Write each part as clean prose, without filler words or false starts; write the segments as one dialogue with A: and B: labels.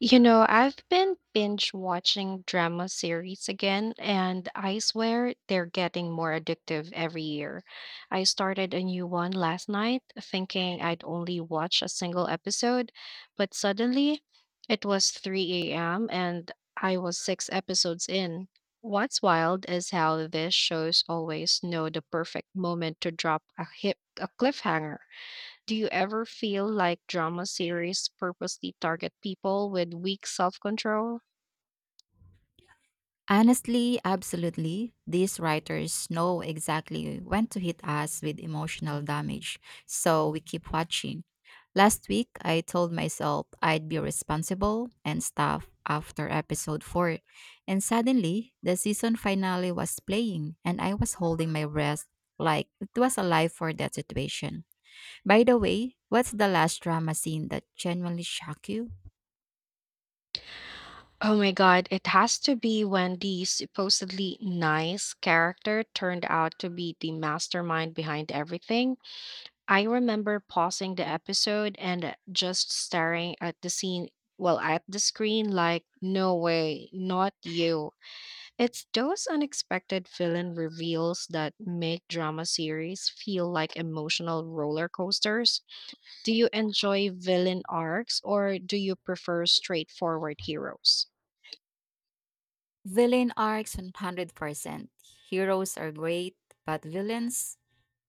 A: You know, I've been binge watching drama series again, and I swear they're getting more addictive every year. I started a new one last night thinking I'd only watch a single episode, but suddenly it was 3 a.m. and I was six episodes in. What's wild is how these shows always know the perfect moment to drop a cliffhanger. Do you ever feel like drama series purposely target people with weak self control?
B: Honestly, absolutely. These writers know exactly when to hit us with emotional damage, so we keep watching. Last week, I told myself I'd be responsible and stuff after episode 4, and suddenly the season finale was playing, and I was holding my breath like it was alive for that situation. By the way, what's the last drama scene that genuinely shocked you?
A: Oh my god, it has to be when the supposedly nice character turned out to be the mastermind behind everything. I remember pausing the episode and just staring at the scene, well, at the screen, like, no way, not you. It's those unexpected villain reveals that make drama series feel like emotional roller coasters. Do you enjoy villain arcs or do you prefer straightforward heroes?
B: Villain arcs 100%. Heroes are great, but villains,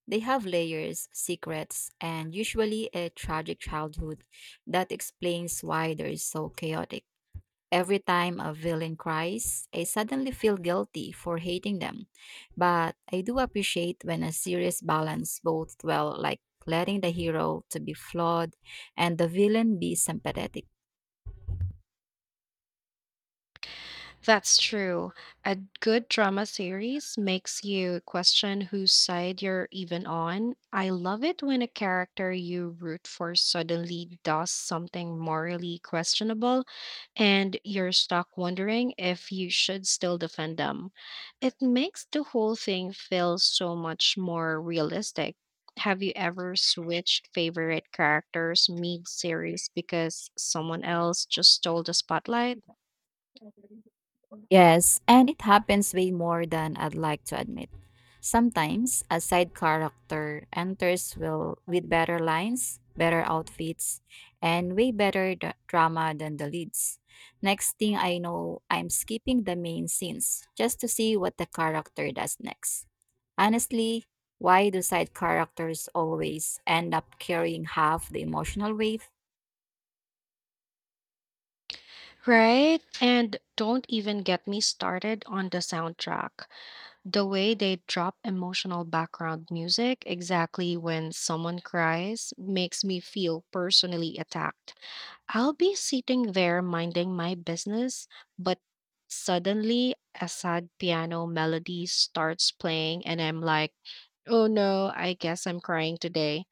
B: they have layers, secrets, and usually a tragic childhood that explains why they're so chaotic. Every time a villain cries, I suddenly feel guilty for hating them. But I do appreciate when a series balance both well, like letting the hero to be flawed and the villain be sympathetic.
A: That's true. A good drama series makes you question whose side you're even on. I love it when a character you root for suddenly does something morally questionable, and you're stuck wondering if you should still defend them. It makes the whole thing feel so much more realistic. Have you ever switched favorite characters mid series because someone else just stole the spotlight?
B: Yes, and it happens way more than I'd like to admit. Sometimes a side character enters will with better lines, better outfits, and way better drama than the leads. Next thing I know, I'm skipping the main scenes just to see what the character does next. Honestly, why do side characters always end up carrying half the emotional weight?
A: Right? And don't even get me started on the soundtrack. The way they drop emotional background music exactly when someone cries makes me feel personally attacked. I'll be sitting there minding my business, but suddenly a sad piano melody starts playing, and I'm like, oh no, I guess I'm crying today.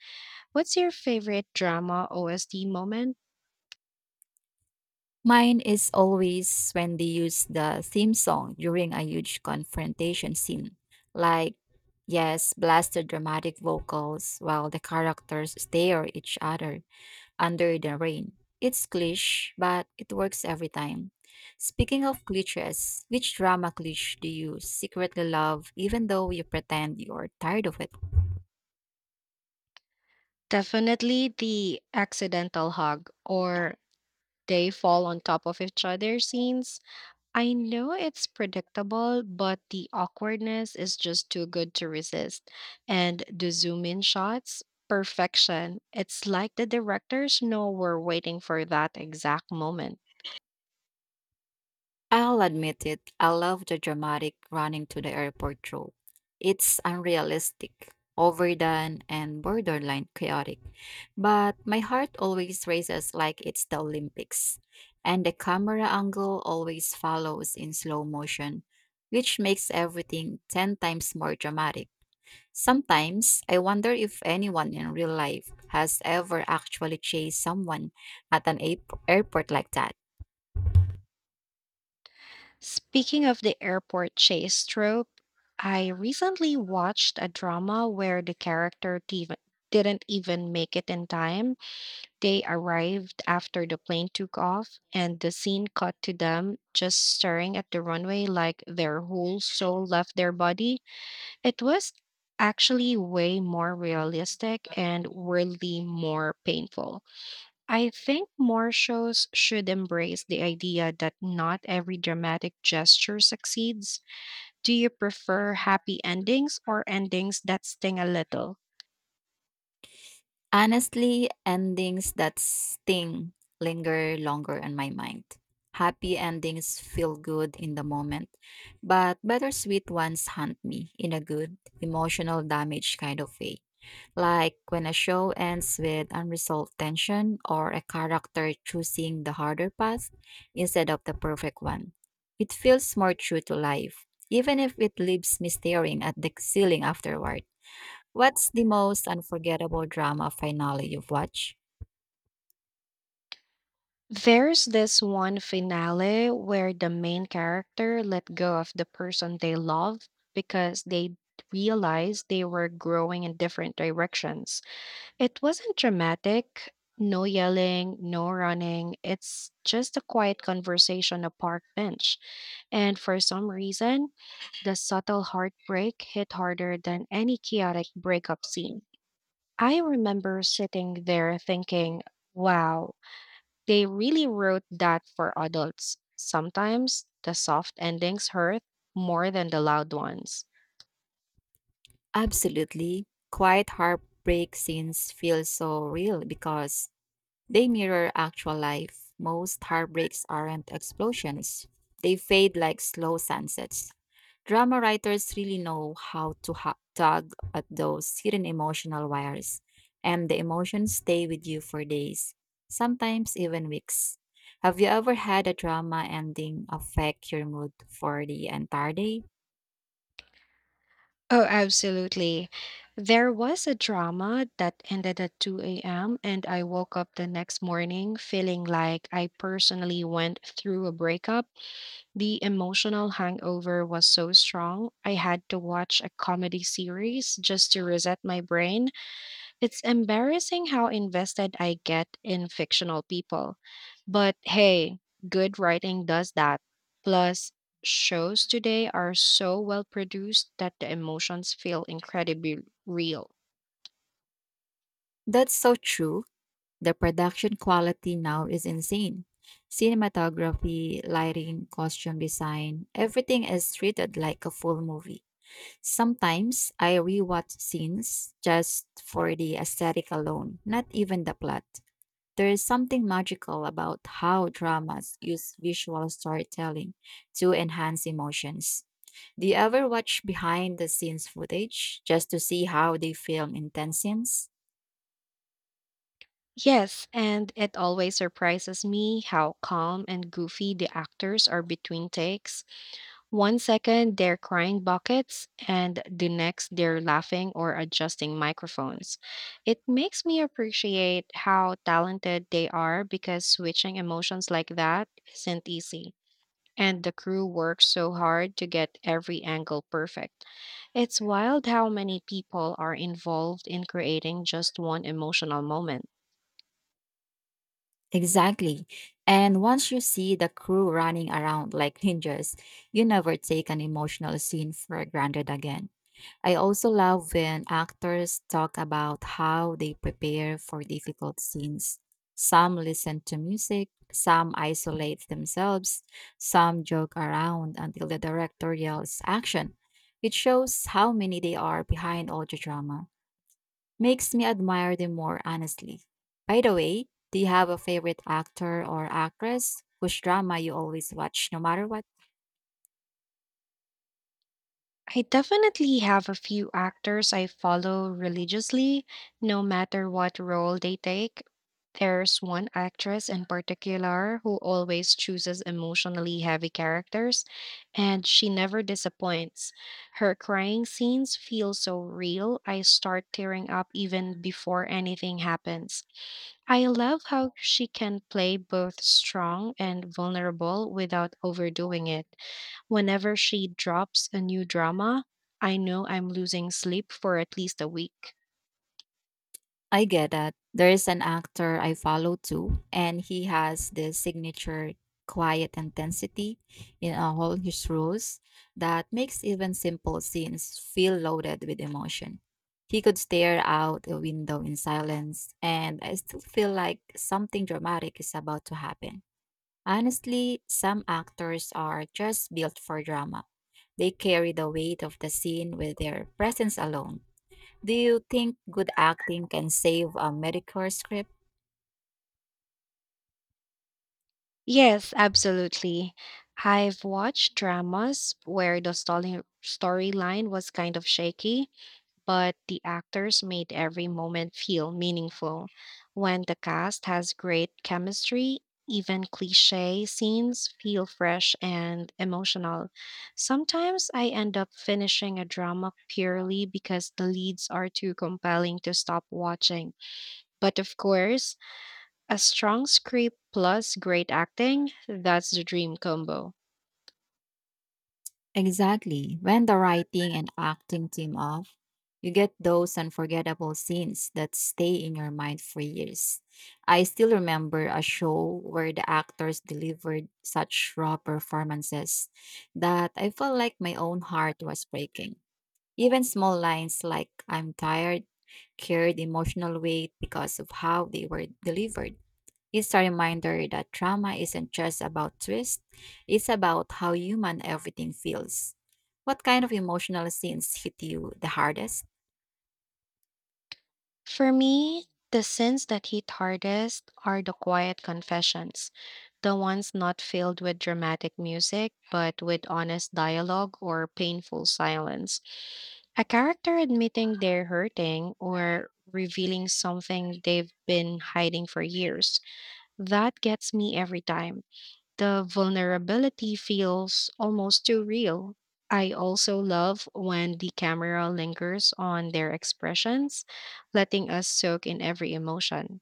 A: What's your favorite drama OST moment?
B: Mine is always when they use the theme song during a huge confrontation scene. Like, yes, blasted dramatic vocals while the characters stare at each other under the rain. It's cliché, but it works every time. Speaking of clichés, which drama cliché do you secretly love even though you pretend you're tired of it?
A: Definitely the accidental hug or they fall on top of each other scenes. I know it's predictable, but the awkwardness is just too good to resist. And the zoom in shots, perfection. It's like the directors know we're waiting for that exact moment.
B: I'll admit it, I love the dramatic running to the airport trope. It's unrealistic, overdone, and borderline chaotic. But my heart always races like it's the Olympics, and the camera angle always follows in slow motion, which makes everything 10 times more dramatic. Sometimes I wonder if anyone in real life has ever actually chased someone at an airport like that.
A: Speaking of the airport chase trope, I recently watched a drama where the character didn't even make it in time. They arrived after the plane took off, and the scene cut to them just staring at the runway like their whole soul left their body. It was actually way more realistic and weirdly more painful. I think more shows should embrace the idea that not every dramatic gesture succeeds. Do you prefer happy endings or endings that sting a little?
B: Honestly, endings that sting linger longer on my mind. Happy endings feel good in the moment, but bittersweet ones haunt me in a good, emotional damage kind of way. Like when a show ends with unresolved tension or a character choosing the harder path instead of the perfect one. It feels more true to life, even if it leaves me staring at the ceiling afterward. What's the most unforgettable drama finale you've watched?
A: There's this one finale where the main character let go of the person they love because they realized they were growing in different directions. It wasn't dramatic, no yelling, no running. It's just a quiet conversation, a park bench. And for some reason, the subtle heartbreak hit harder than any chaotic breakup scene. I remember sitting there thinking, wow, they really wrote that for adults. Sometimes the soft endings hurt more than the loud ones.
B: Absolutely. Quiet heartbreak scenes feel so real because they mirror actual life. Most heartbreaks aren't explosions, they fade like slow sunsets. Drama writers really know how to tug at those hidden emotional wires, and the emotions stay with you for days, sometimes even weeks. Have you ever had a drama ending affect your mood for the entire day?
A: Oh, absolutely. There was a drama that ended at 2 a.m., and I woke up the next morning feeling like I personally went through a breakup. The emotional hangover was so strong, I had to watch a comedy series just to reset my brain. It's embarrassing how invested I get in fictional people. But hey, good writing does that. Plus, shows today are so well produced that the emotions feel incredibly real.
B: That's so true. The production quality now is insane. Cinematography, lighting, costume design, everything is treated like a full movie. Sometimes I rewatch scenes just for the aesthetic alone, not even the plot. There is something magical about how dramas use visual storytelling to enhance emotions. Do you ever watch behind the scenes footage just to see how they film intense scenes?
A: Yes, and it always surprises me how calm and goofy the actors are between takes. One second, they're crying buckets, and the next, they're laughing or adjusting microphones. It makes me appreciate how talented they are because switching emotions like that isn't easy. And the crew works so hard to get every angle perfect. It's wild how many people are involved in creating just one emotional moment.
B: Exactly. And once you see the crew running around like ninjas, you never take an emotional scene for granted again. I also love when actors talk about how they prepare for difficult scenes. Some listen to music, some isolate themselves, some joke around until the director yells action. It shows how many they are behind all the drama. Makes me admire them more, honestly. By the way, do you have a favorite actor or actress whose drama you always watch no matter what?
A: I definitely have a few actors I follow religiously, no matter what role they take. There's one actress in particular who always chooses emotionally heavy characters, and she never disappoints. Her crying scenes feel so real, I start tearing up even before anything happens. I love how she can play both strong and vulnerable without overdoing it. Whenever she drops a new drama, I know I'm losing sleep for at least a week.
B: I get that. There is an actor I follow too, and he has this signature quiet intensity in all his roles that makes even simple scenes feel loaded with emotion. He could stare out a window in silence, and I still feel like something dramatic is about to happen. Honestly, some actors are just built for drama. They carry the weight of the scene with their presence alone. Do you think good acting can save a mediocre script?
A: Yes, absolutely. I've watched dramas where the storyline was kind of shaky, but the actors made every moment feel meaningful. When the cast has great chemistry, even cliche scenes feel fresh and emotional. Sometimes I end up finishing a drama purely because the leads are too compelling to stop watching. But of course, a strong script plus great acting, that's the dream combo.
B: Exactly. When the writing and acting team off, you get those unforgettable scenes that stay in your mind for years. I still remember a show where the actors delivered such raw performances that I felt like my own heart was breaking. Even small lines like I'm tired carried emotional weight because of how they were delivered. It's a reminder that trauma isn't just about twist, it's about how human everything feels. What kind of emotional scenes hit you the hardest?
A: For me, the sins that hit hardest are the quiet confessions, the ones not filled with dramatic music, but with honest dialogue or painful silence. A character admitting they're hurting or revealing something they've been hiding for years. That gets me every time. The vulnerability feels almost too real. I also love when the camera lingers on their expressions, letting us soak in every emotion.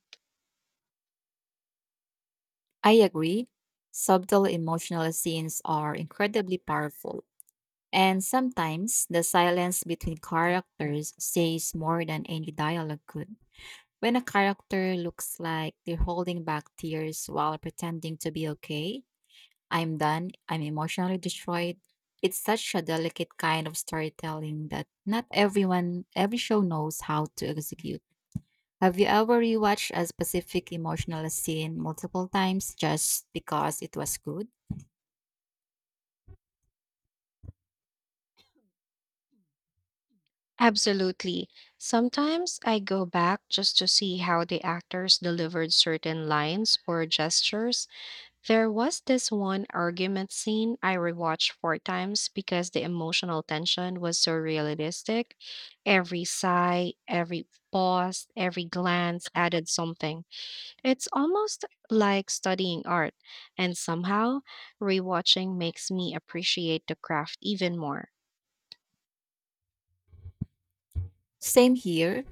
B: I agree. Subtle emotional scenes are incredibly powerful. And sometimes the silence between characters says more than any dialogue could. When a character looks like they're holding back tears while pretending to be okay, I'm done, I'm emotionally destroyed. It's such a delicate kind of storytelling that not everyone, every show knows how to execute. Have you ever rewatched a specific emotional scene multiple times just because it was good?
A: Absolutely. Sometimes I go back just to see how the actors delivered certain lines or gestures. There was this one argument scene I rewatched four times because the emotional tension was so realistic. Every sigh, every pause, every glance added something. It's almost like studying art, and somehow rewatching makes me appreciate the craft even more.
B: Same here.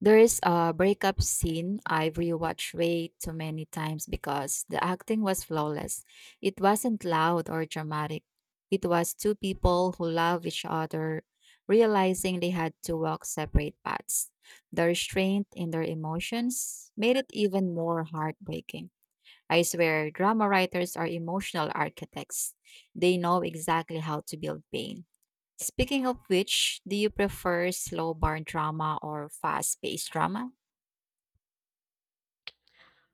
B: There is a breakup scene I've rewatched way too many times because the acting was flawless. It wasn't loud or dramatic. It was two people who love each other, realizing they had to walk separate paths. The restraint in their emotions made it even more heartbreaking. I swear, drama writers are emotional architects. They know exactly how to build pain. Speaking of which, do you prefer slow burn drama or fast paced drama?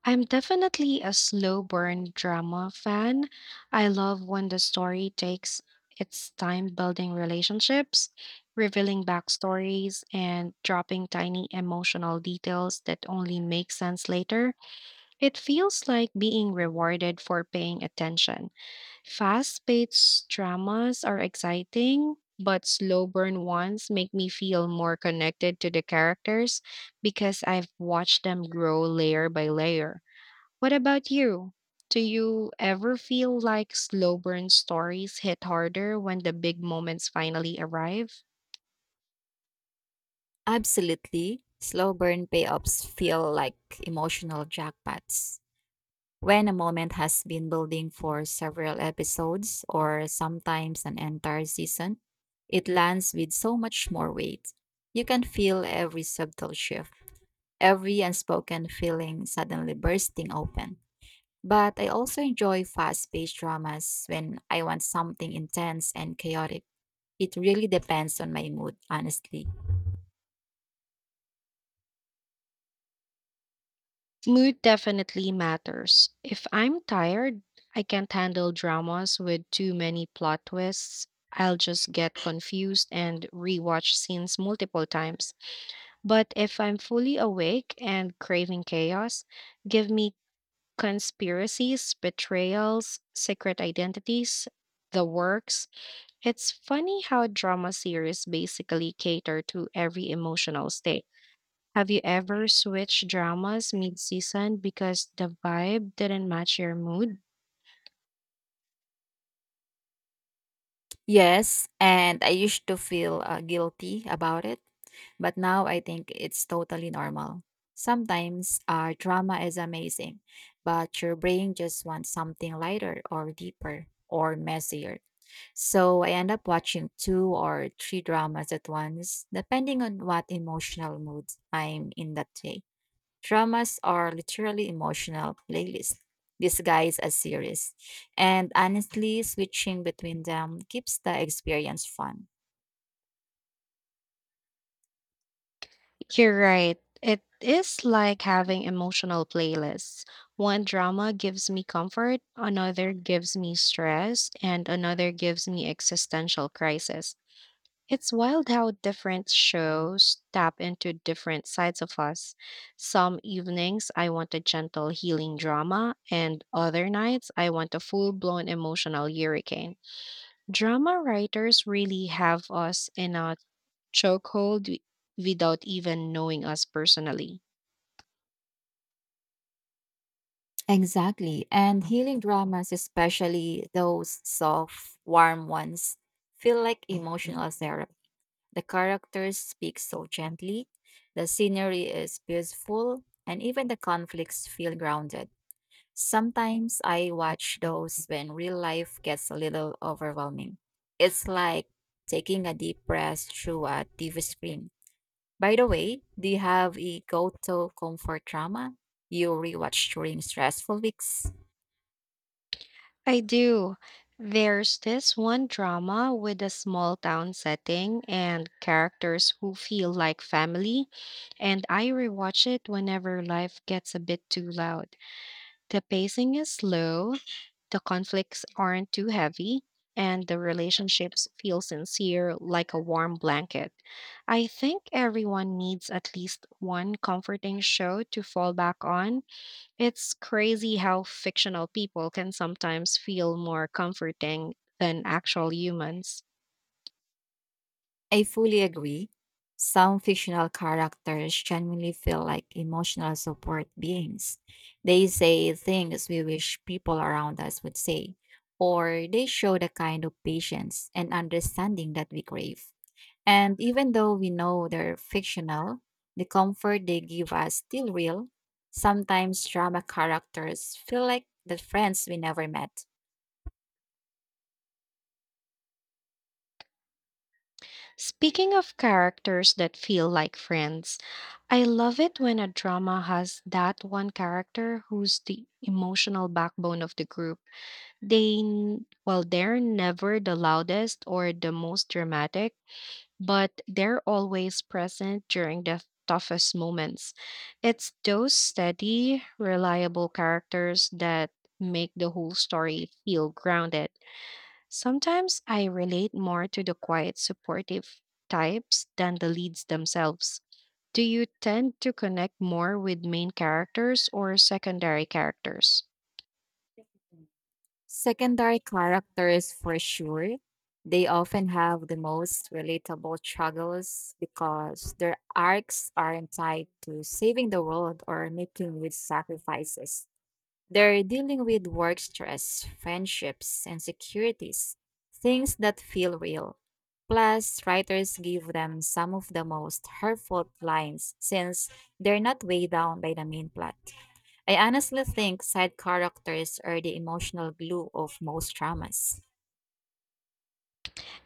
A: I'm definitely a slow burn drama fan. I love when the story takes its time building relationships, revealing backstories, and dropping tiny emotional details that only make sense later. It feels like being rewarded for paying attention. Fast paced dramas are exciting, but slow burn ones make me feel more connected to the characters because I've watched them grow layer by layer. What about you? Do you ever feel like slow burn stories hit harder when the big moments finally arrive?
B: Absolutely. Slow burn payoffs feel like emotional jackpots. When a moment has been building for several episodes or sometimes an entire season, it lands with so much more weight. You can feel every subtle shift, every unspoken feeling suddenly bursting open. But I also enjoy fast paced dramas when I want something intense and chaotic. It really depends on my mood, honestly.
A: Mood definitely matters. If I'm tired, I can't handle dramas with too many plot twists. I'll just get confused and rewatch scenes multiple times. But if I'm fully awake and craving chaos, give me conspiracies, betrayals, secret identities, the works. It's funny how drama series basically cater to every emotional state. Have you ever switched dramas mid-season because the vibe didn't match your mood?
B: Yes, and I used to feel guilty about it, but now I think it's totally normal. Sometimes drama is amazing, but your brain just wants something lighter or deeper or messier. So I end up watching two or three dramas at once, depending on what emotional mood I'm in that day. Dramas are literally emotional playlists disguised as series, and honestly, switching between them keeps the experience fun.
A: You're right. It is like having emotional playlists. One drama gives me comfort, another gives me stress, and another gives me existential crisis. It's wild how different shows tap into different sides of us. Some evenings I want a gentle healing drama, and other nights I want a full blown emotional hurricane. Drama writers really have us in a chokehold without even knowing us personally.
B: Exactly. And healing dramas, especially those soft, warm ones, feel like emotional therapy. The characters speak so gently, the scenery is beautiful, and even the conflicts feel grounded. Sometimes I watch those when real life gets a little overwhelming. It's like taking a deep breath through a TV screen. By the way, do you have a go to comfort drama you rewatch during stressful weeks?
A: I do. There's this one drama with a small town setting and characters who feel like family, and I rewatch it whenever life gets a bit too loud. The pacing is slow, the conflicts aren't too heavy, and the relationships feel sincere like a warm blanket. I think everyone needs at least one comforting show to fall back on. It's crazy how fictional people can sometimes feel more comforting than actual humans.
B: I fully agree. Some fictional characters genuinely feel like emotional support beings. They say things we wish people around us would say, or they show the kind of patience and understanding that we crave. And even though we know they're fictional, the comfort they give us still real. Sometimes drama characters feel like the friends we never met.
A: Speaking of characters that feel like friends, I love it when a drama has that one character who's the emotional backbone of the group. They, well, they're never the loudest or the most dramatic, but they're always present during the toughest moments. It's those steady, reliable characters that make the whole story feel grounded. Sometimes I relate more to the quiet, supportive types than the leads themselves. Do you tend to connect more with main characters or secondary characters?
B: Secondary characters, for sure, they often have the most relatable struggles because their arcs aren't tied to saving the world or making huge sacrifices. They're dealing with work stress, friendships, and securities, things that feel real. Plus, writers give them some of the most hurtful lines since they're not weighed down by the main plot. I honestly think side characters are the emotional glue of most dramas.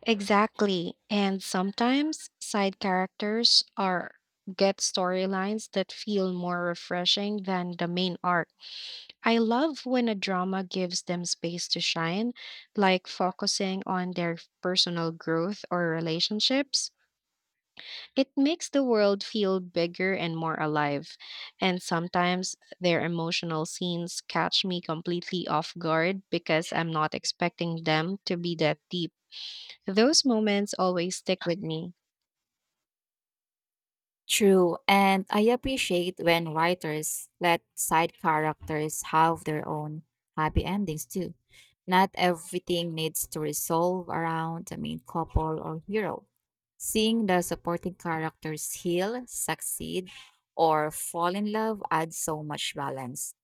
A: Exactly. And sometimes side characters are get storylines that feel more refreshing than the main arc. I love when a drama gives them space to shine, like focusing on their personal growth or relationships. It makes the world feel bigger and more alive. And sometimes their emotional scenes catch me completely off guard because I'm not expecting them to be that deep. Those moments always stick with me.
B: True, and I appreciate when writers let side characters have their own happy endings too. Not everything needs to resolve around the main couple or hero. Seeing the supporting characters heal, succeed, or fall in love adds so much balance.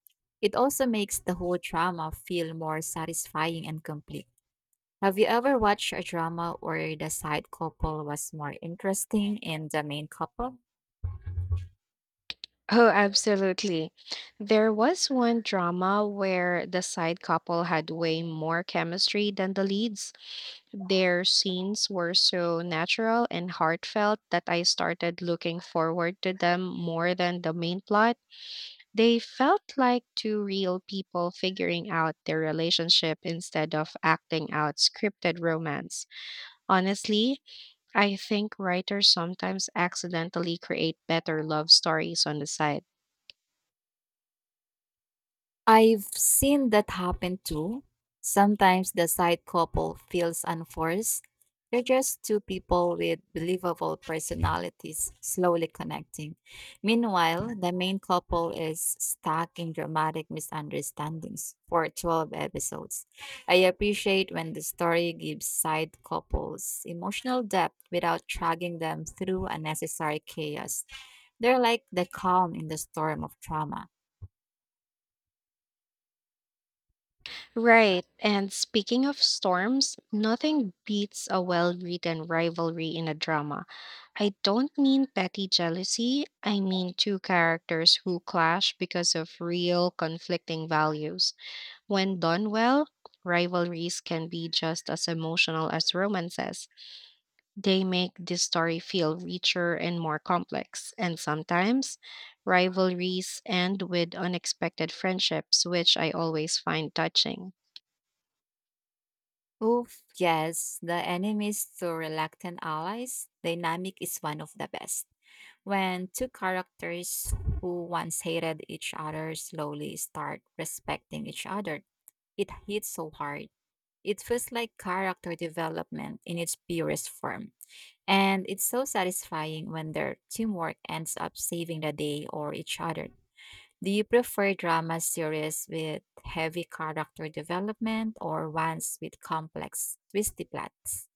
B: It also makes the whole drama feel more satisfying and complete. Have you ever watched a drama where the side couple was more interesting than the main couple?
A: Oh, absolutely. There was one drama where the side couple had way more chemistry than the leads. Their scenes were so natural and heartfelt that I started looking forward to them more than the main plot. They felt like two real people figuring out their relationship instead of acting out scripted romance. Honestly, I think writers sometimes accidentally create better love stories on the side.
B: I've seen that happen too. Sometimes the side couple feels unforced. They're just two people with believable personalities slowly connecting. Meanwhile, the main couple is stuck in dramatic misunderstandings for 12 episodes. I appreciate when the story gives side couples emotional depth without dragging them through unnecessary chaos. They're like the calm in the storm of trauma.
A: Right. And speaking of storms, nothing beats a well written rivalry in a drama. I don't mean petty jealousy, I mean two characters who clash because of real conflicting values. When done well, rivalries can be just as emotional as romances. They make this story feel richer and more complex, and sometimes rivalries end with unexpected friendships, which I always find touching.
B: Oof, yes, the enemies to reluctant allies dynamic is one of the best. When two characters who once hated each other slowly start respecting each other, it hits so hard. It feels like character development in its purest form. And it's so satisfying when their teamwork ends up saving the day or each other. Do you prefer drama series with heavy character development or ones with complex, twisty plots?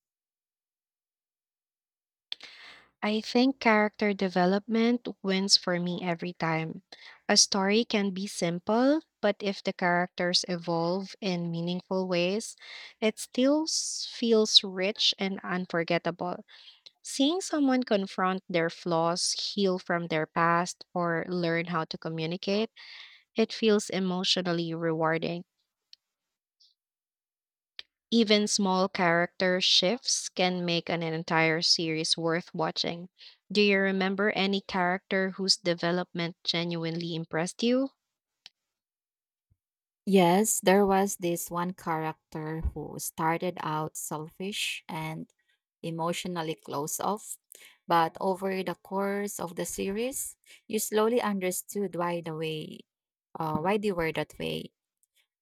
A: I think character development wins for me every time. A story can be simple, but if the characters evolve in meaningful ways, it still feels rich and unforgettable. Seeing someone confront their flaws, heal from their past, or learn how to communicate. It feels emotionally rewarding. Even small character shifts can make an entire series worth watching. Do you remember any character whose development genuinely impressed you?
B: Yes, there was this one character who started out selfish and emotionally close off, but over the course of the series, you slowly understood why the way, why they were that way.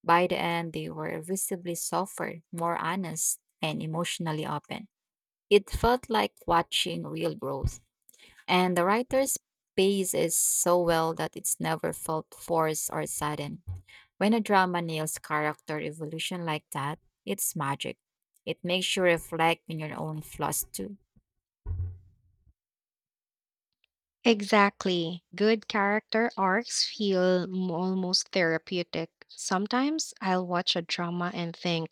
B: By the end, they were visibly softer, more honest, and emotionally open. It felt like watching real growth. And the writer's pace is so well that it's never felt forced or sudden. When a drama nails character evolution like that, it's magic. It makes you reflect on your own flaws too.
A: Exactly. Good character arcs feel almost therapeutic. Sometimes I'll watch a drama and think,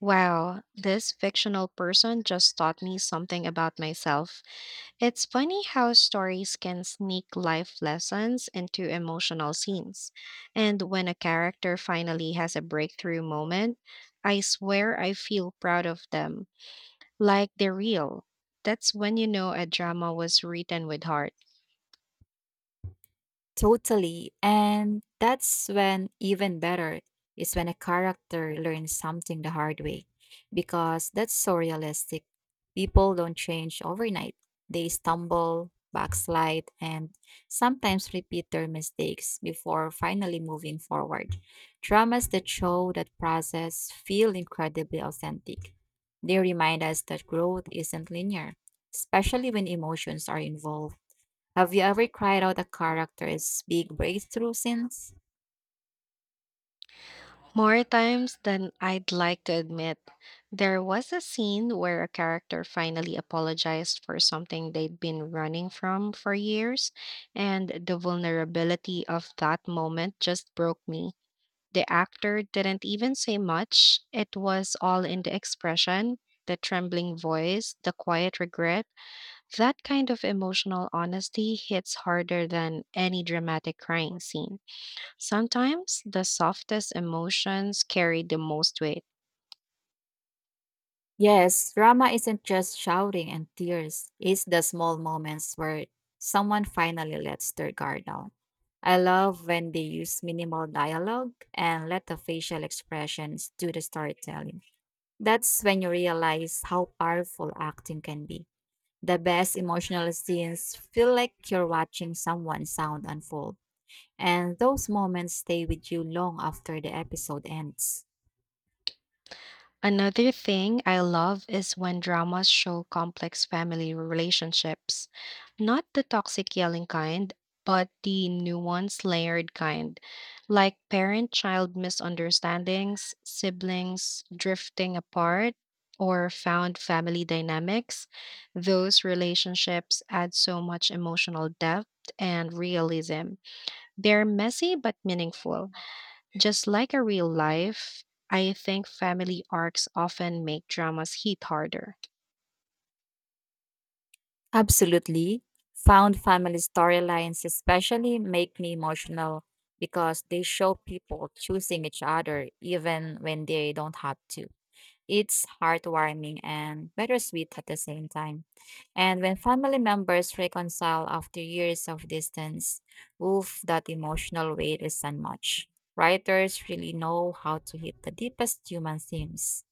A: wow, this fictional person just taught me something about myself. It's funny how stories can sneak life lessons into emotional scenes. And when a character finally has a breakthrough moment, I swear I feel proud of them, like they're real. That's when you know a drama was written with heart.
B: Totally. And that's when even better is when a character learns something the hard way because that's so realistic. People don't change overnight. They stumble, backslide, and sometimes repeat their mistakes before finally moving forward. Dramas that show that process feel incredibly authentic. They remind us that growth isn't linear, especially when emotions are involved. Have you ever cried out a character's big breakthrough since?
A: More times than I'd like to admit, there was a scene where a character finally apologized for something they'd been running from for years, and the vulnerability of that moment just broke me. The actor didn't even say much. It was all in the expression, the trembling voice, the quiet regret. That kind of emotional honesty hits harder than any dramatic crying scene. Sometimes the softest emotions carry the most weight.
B: Yes, drama isn't just shouting and tears, it's the small moments where someone finally lets their guard down. I love when they use minimal dialogue and let the facial expressions do the storytelling. That's when you realize how powerful acting can be. The best emotional scenes feel like you're watching someone's sound unfold, and those moments stay with you long after the episode ends.
A: Another thing I love is when dramas show complex family relationships, not the toxic yelling kind, but the nuanced layered kind, like parent child misunderstandings, siblings drifting apart, or found family dynamics. Those relationships add so much emotional depth and realism. They're messy but meaningful. Just like a real life, I think family arcs often make dramas hit harder.
B: Absolutely. Found family storylines especially make me emotional because they show people choosing each other even when they don't have to. It's heartwarming and bittersweet at the same time. And when family members reconcile after years of distance, oof, that emotional weight is unmatched. Writers really know how to hit the deepest human themes.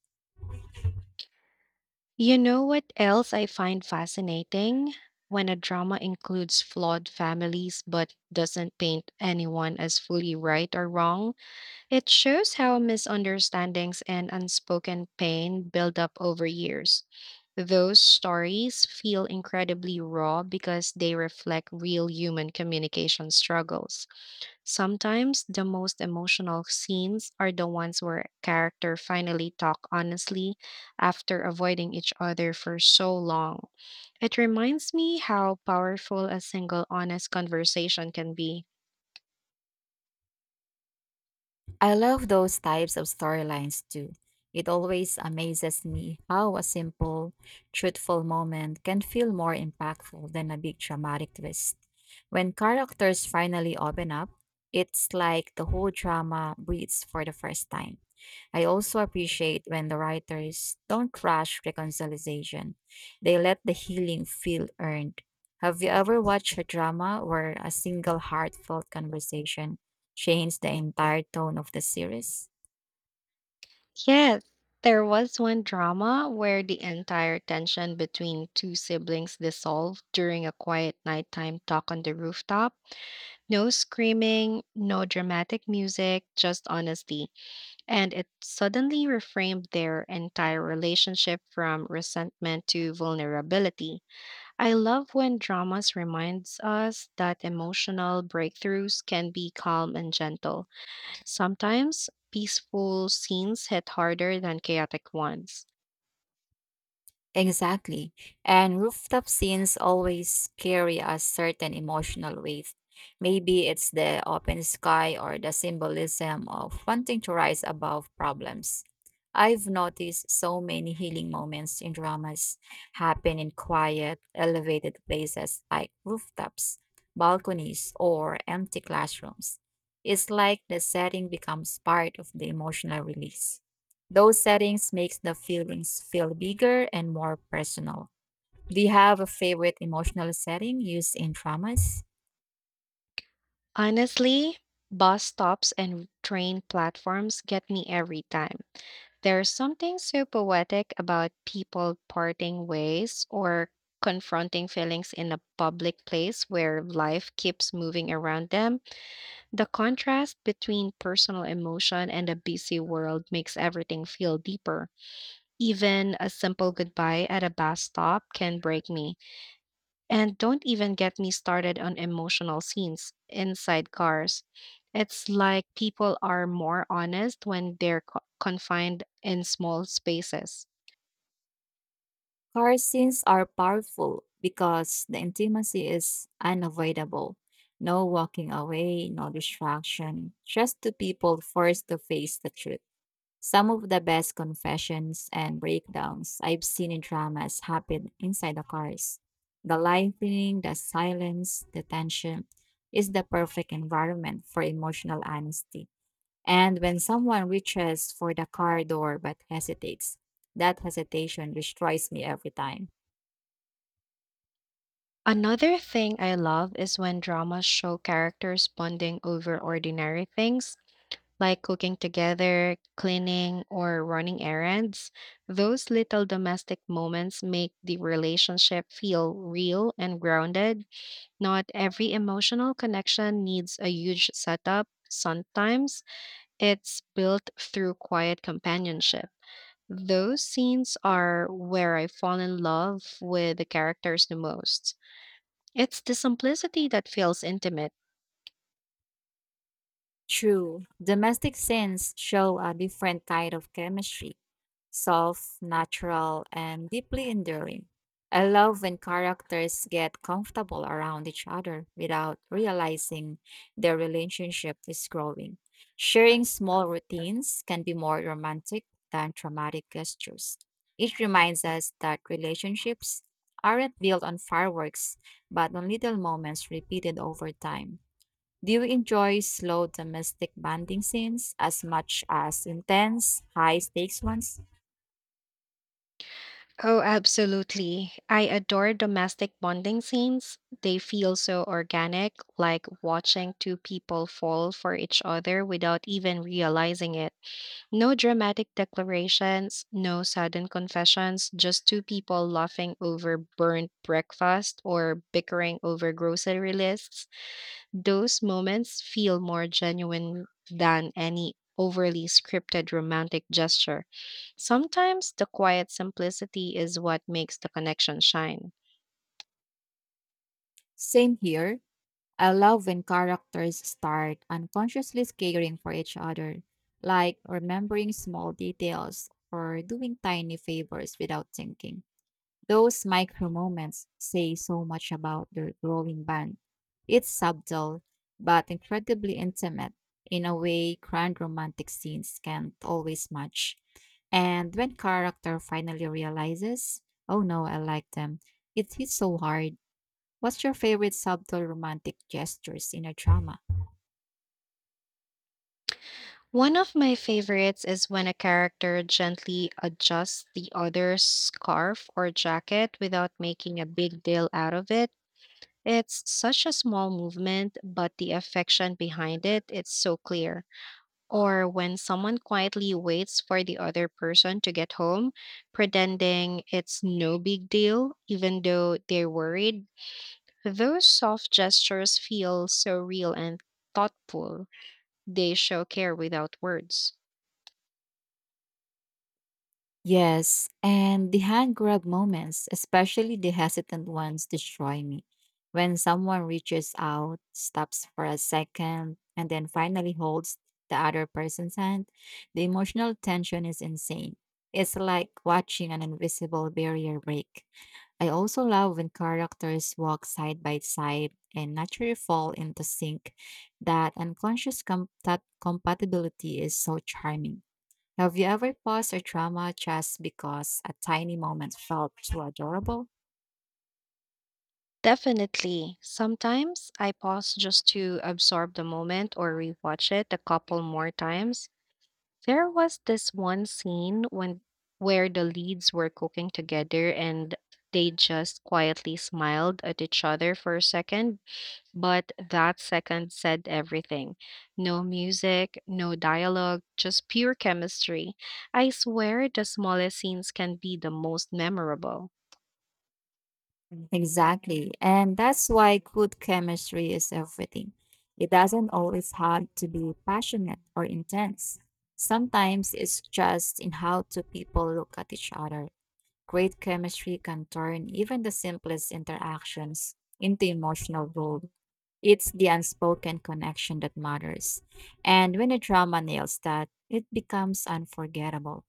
A: You know what else I find fascinating? When a drama includes flawed families but doesn't paint anyone as fully right or wrong, it shows how misunderstandings and unspoken pain build up over years. Those stories feel incredibly raw because they reflect real human communication struggles. Sometimes the most emotional scenes are the ones where character finally talk honestly after avoiding each other for so long. It reminds me how powerful a single honest conversation can be.
B: I love those types of storylines too. It always amazes me how a simple, truthful moment can feel more impactful than a big dramatic twist. When characters finally open up, it's like the whole drama breathes for the first time. I also appreciate when the writers don't rush reconciliation, they let the healing feel earned. Have you ever watched a drama where a single heartfelt conversation changed the entire tone of the series?
A: Yes, there was one drama where the entire tension between two siblings dissolved during a quiet nighttime talk on the rooftop. No screaming, no dramatic music, just honesty. And it suddenly reframed their entire relationship from resentment to vulnerability. I love when dramas reminds us that emotional breakthroughs can be calm and gentle. Sometimes peaceful scenes hit harder than chaotic ones.
B: Exactly. And rooftop scenes always carry a certain emotional weight. Maybe it's the open sky or the symbolism of wanting to rise above problems. I've noticed so many healing moments in dramas happen in quiet, elevated places like rooftops, balconies, or empty classrooms. It's like the setting becomes part of the emotional release. Those settings makes the feelings feel bigger and more personal. Do you have a favorite emotional setting used in dramas?
A: Honestly, bus stops and train platforms get me every time. There's something so poetic about people parting ways or confronting feelings in a public place where life keeps moving around them. The contrast between personal emotion and a busy world makes everything feel deeper. Even a simple goodbye at a bus stop can break me. And don't even get me started on emotional scenes inside cars. It's like people are more honest when they're confined in small spaces.
B: Car scenes are powerful because the intimacy is unavoidable. No walking away, no distraction, just two people forced to face the truth. Some of the best confessions and breakdowns I've seen in dramas happen inside the cars. The lightning, the silence, the tension is the perfect environment for emotional honesty. And when someone reaches for the car door but hesitates, that hesitation destroys me every time.
A: Another thing I love is when dramas show characters bonding over ordinary things, like cooking together, cleaning, or running errands. Those little domestic moments make the relationship feel real and grounded. Not every emotional connection needs a huge setup. Sometimes it's built through quiet companionship. Those scenes are where I fall in love with the characters the most. It's the simplicity that feels intimate.
B: True, domestic scents show a different kind of chemistry, soft, natural, and deeply enduring. I love when characters get comfortable around each other without realizing their relationship is growing. Sharing small routines can be more romantic than dramatic gestures. It reminds us that relationships aren't built on fireworks, but on little moments repeated over time. Do you enjoy slow domestic bonding scenes as much as intense, high stakes ones?
A: Oh, absolutely. I adore domestic bonding scenes. They feel so organic, like watching two people fall for each other without even realizing it. No dramatic declarations, no sudden confessions, just two people laughing over burnt breakfast or bickering over grocery lists. Those moments feel more genuine than any overly scripted romantic gesture. Sometimes the quiet simplicity is what makes the connection shine.
B: Same here. I love when characters start unconsciously caring for each other, like remembering small details or doing tiny favors without thinking. Those micro moments say so much about their growing bond. It's subtle, but incredibly intimate in a way grand romantic scenes can't always match. And when character finally realizes, oh no, I like them, it hits so hard. What's your favorite subtle romantic gestures in a drama?
A: One of my favorites is when a character gently adjusts the other's scarf or jacket without making a big deal out of it. It's such a small movement, but the affection behind it, it's so clear. Or when someone quietly waits for the other person to get home, pretending it's no big deal, even though they're worried. Those soft gestures feel so real and thoughtful. They show care without words.
B: Yes, and the hand grab moments, especially the hesitant ones, destroy me. When someone reaches out, stops for a second, and then finally holds the other person's hand, the emotional tension is insane. It's like watching an invisible barrier break. I also love when characters walk side by side and naturally fall into sync. That that compatibility is so charming. Have you ever paused a drama just because a tiny moment felt too adorable?
A: Definitely. Sometimes I pause just to absorb the moment or rewatch it a couple more times. There was this one scene when where the leads were cooking together and they just quietly smiled at each other for a second, but that second said everything. No music, no dialogue, just pure chemistry. I swear the smallest scenes can be the most memorable.
B: Mm, exactly. And that's why good chemistry is everything. It doesn't always have to be passionate or intense. Sometimes it's just in how two people look at each other. Great chemistry can turn even the simplest interactions into emotional gold. It's the unspoken connection that matters. And when a drama nails that, it becomes unforgettable.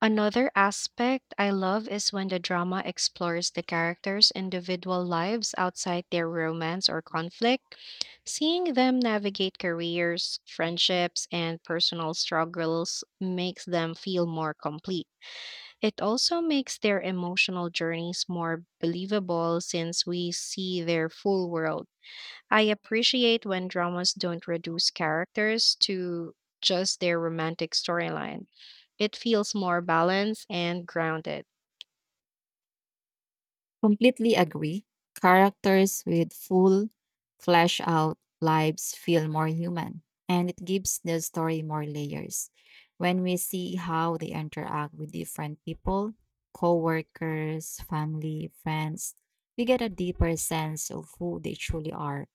A: Another aspect I love is when the drama explores the characters' individual lives outside their romance or conflict. Seeing them navigate careers, friendships, and personal struggles makes them feel more complete. It also makes their emotional journeys more believable since we see their full world. I appreciate when dramas don't reduce characters to just their romantic storyline. It feels more balanced and grounded.
B: Completely agree. Characters with full, fleshed out lives feel more human, and it gives the story more layers. When we see how they interact with different people, co workers, family, friends, we get a deeper sense of who they truly are,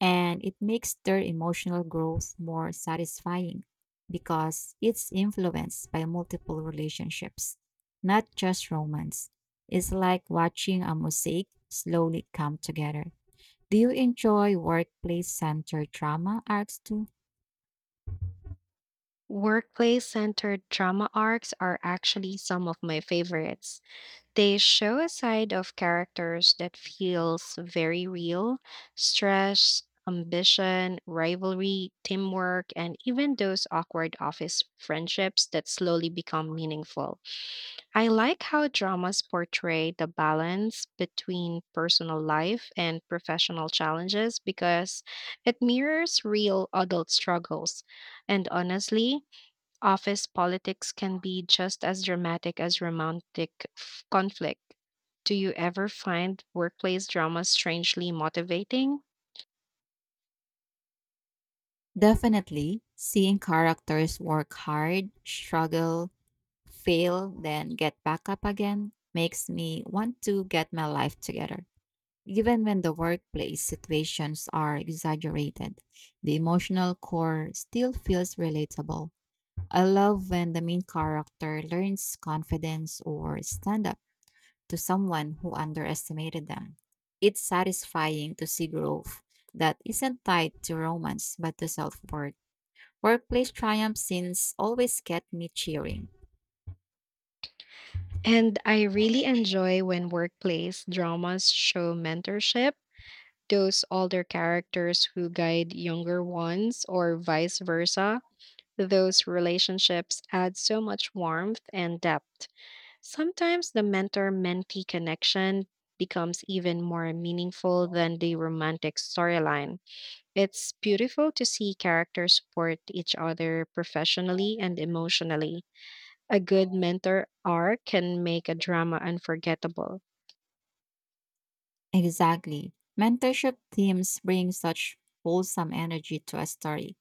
B: and it makes their emotional growth more satisfying because it's influenced by multiple relationships, not just romance. It's like watching a mosaic slowly come together. Do you enjoy workplace centered drama arcs too?
A: Workplace centered drama arcs are actually some of my favorites. They show a side of characters that feels very real: stress, ambition, rivalry, teamwork, and even those awkward office friendships that slowly become meaningful. I like how dramas portray the balance between personal life and professional challenges because it mirrors real adult struggles. And honestly, office politics can be just as dramatic as romantic conflict. Do you ever find workplace dramas strangely motivating?
B: Definitely. Seeing characters work hard, struggle, fail, then get back up again makes me want to get my life together. Even when the workplace situations are exaggerated, the emotional core still feels relatable. I love when the main character learns confidence or stand up to someone who underestimated them. It's satisfying to see growth that isn't tied to romance but to self worth. Workplace triumph scenes always get me cheering.
A: And I really enjoy when workplace dramas show mentorship, those older characters who guide younger ones, or vice versa. Those relationships add so much warmth and depth. Sometimes the mentor mentee connection becomes even more meaningful than the romantic storyline. It's beautiful to see characters support each other professionally and emotionally. A good mentor arc can make a drama unforgettable.
B: Exactly. Mentorship teams bring such wholesome energy to a story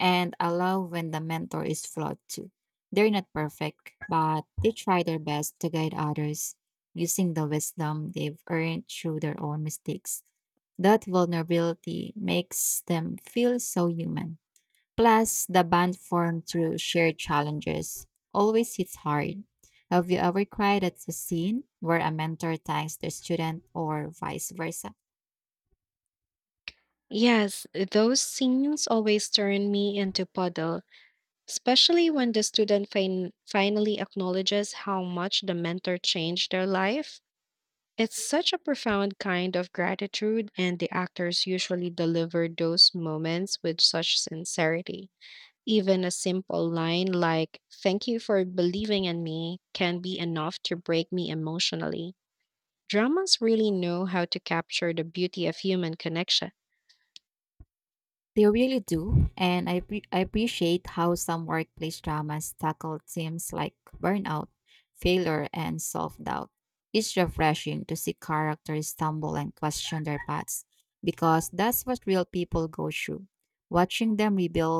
B: and allow when the mentor is flawed too. They're not perfect, but they try their best to guide others using the wisdom they've earned through their own mistakes. That vulnerability makes them feel so human. Plus, the bond formed through shared challenges always hits hard. Have you ever cried at a scene where a mentor thanks their student or vice versa?
A: Yes, those scenes always turn me into puddle, especially when the student finally acknowledges how much the mentor changed their life. It's such a profound kind of gratitude, and the actors usually deliver those moments with such sincerity. Even a simple line like, "Thank you for believing in me," can be enough to break me emotionally. Dramas really know how to capture the beauty of human connection.
B: They really do, and I appreciate how some workplace dramas tackle themes like burnout, failure, and self doubt. It's refreshing to see characters stumble and question their paths because that's what real people go through. Watching them rebuild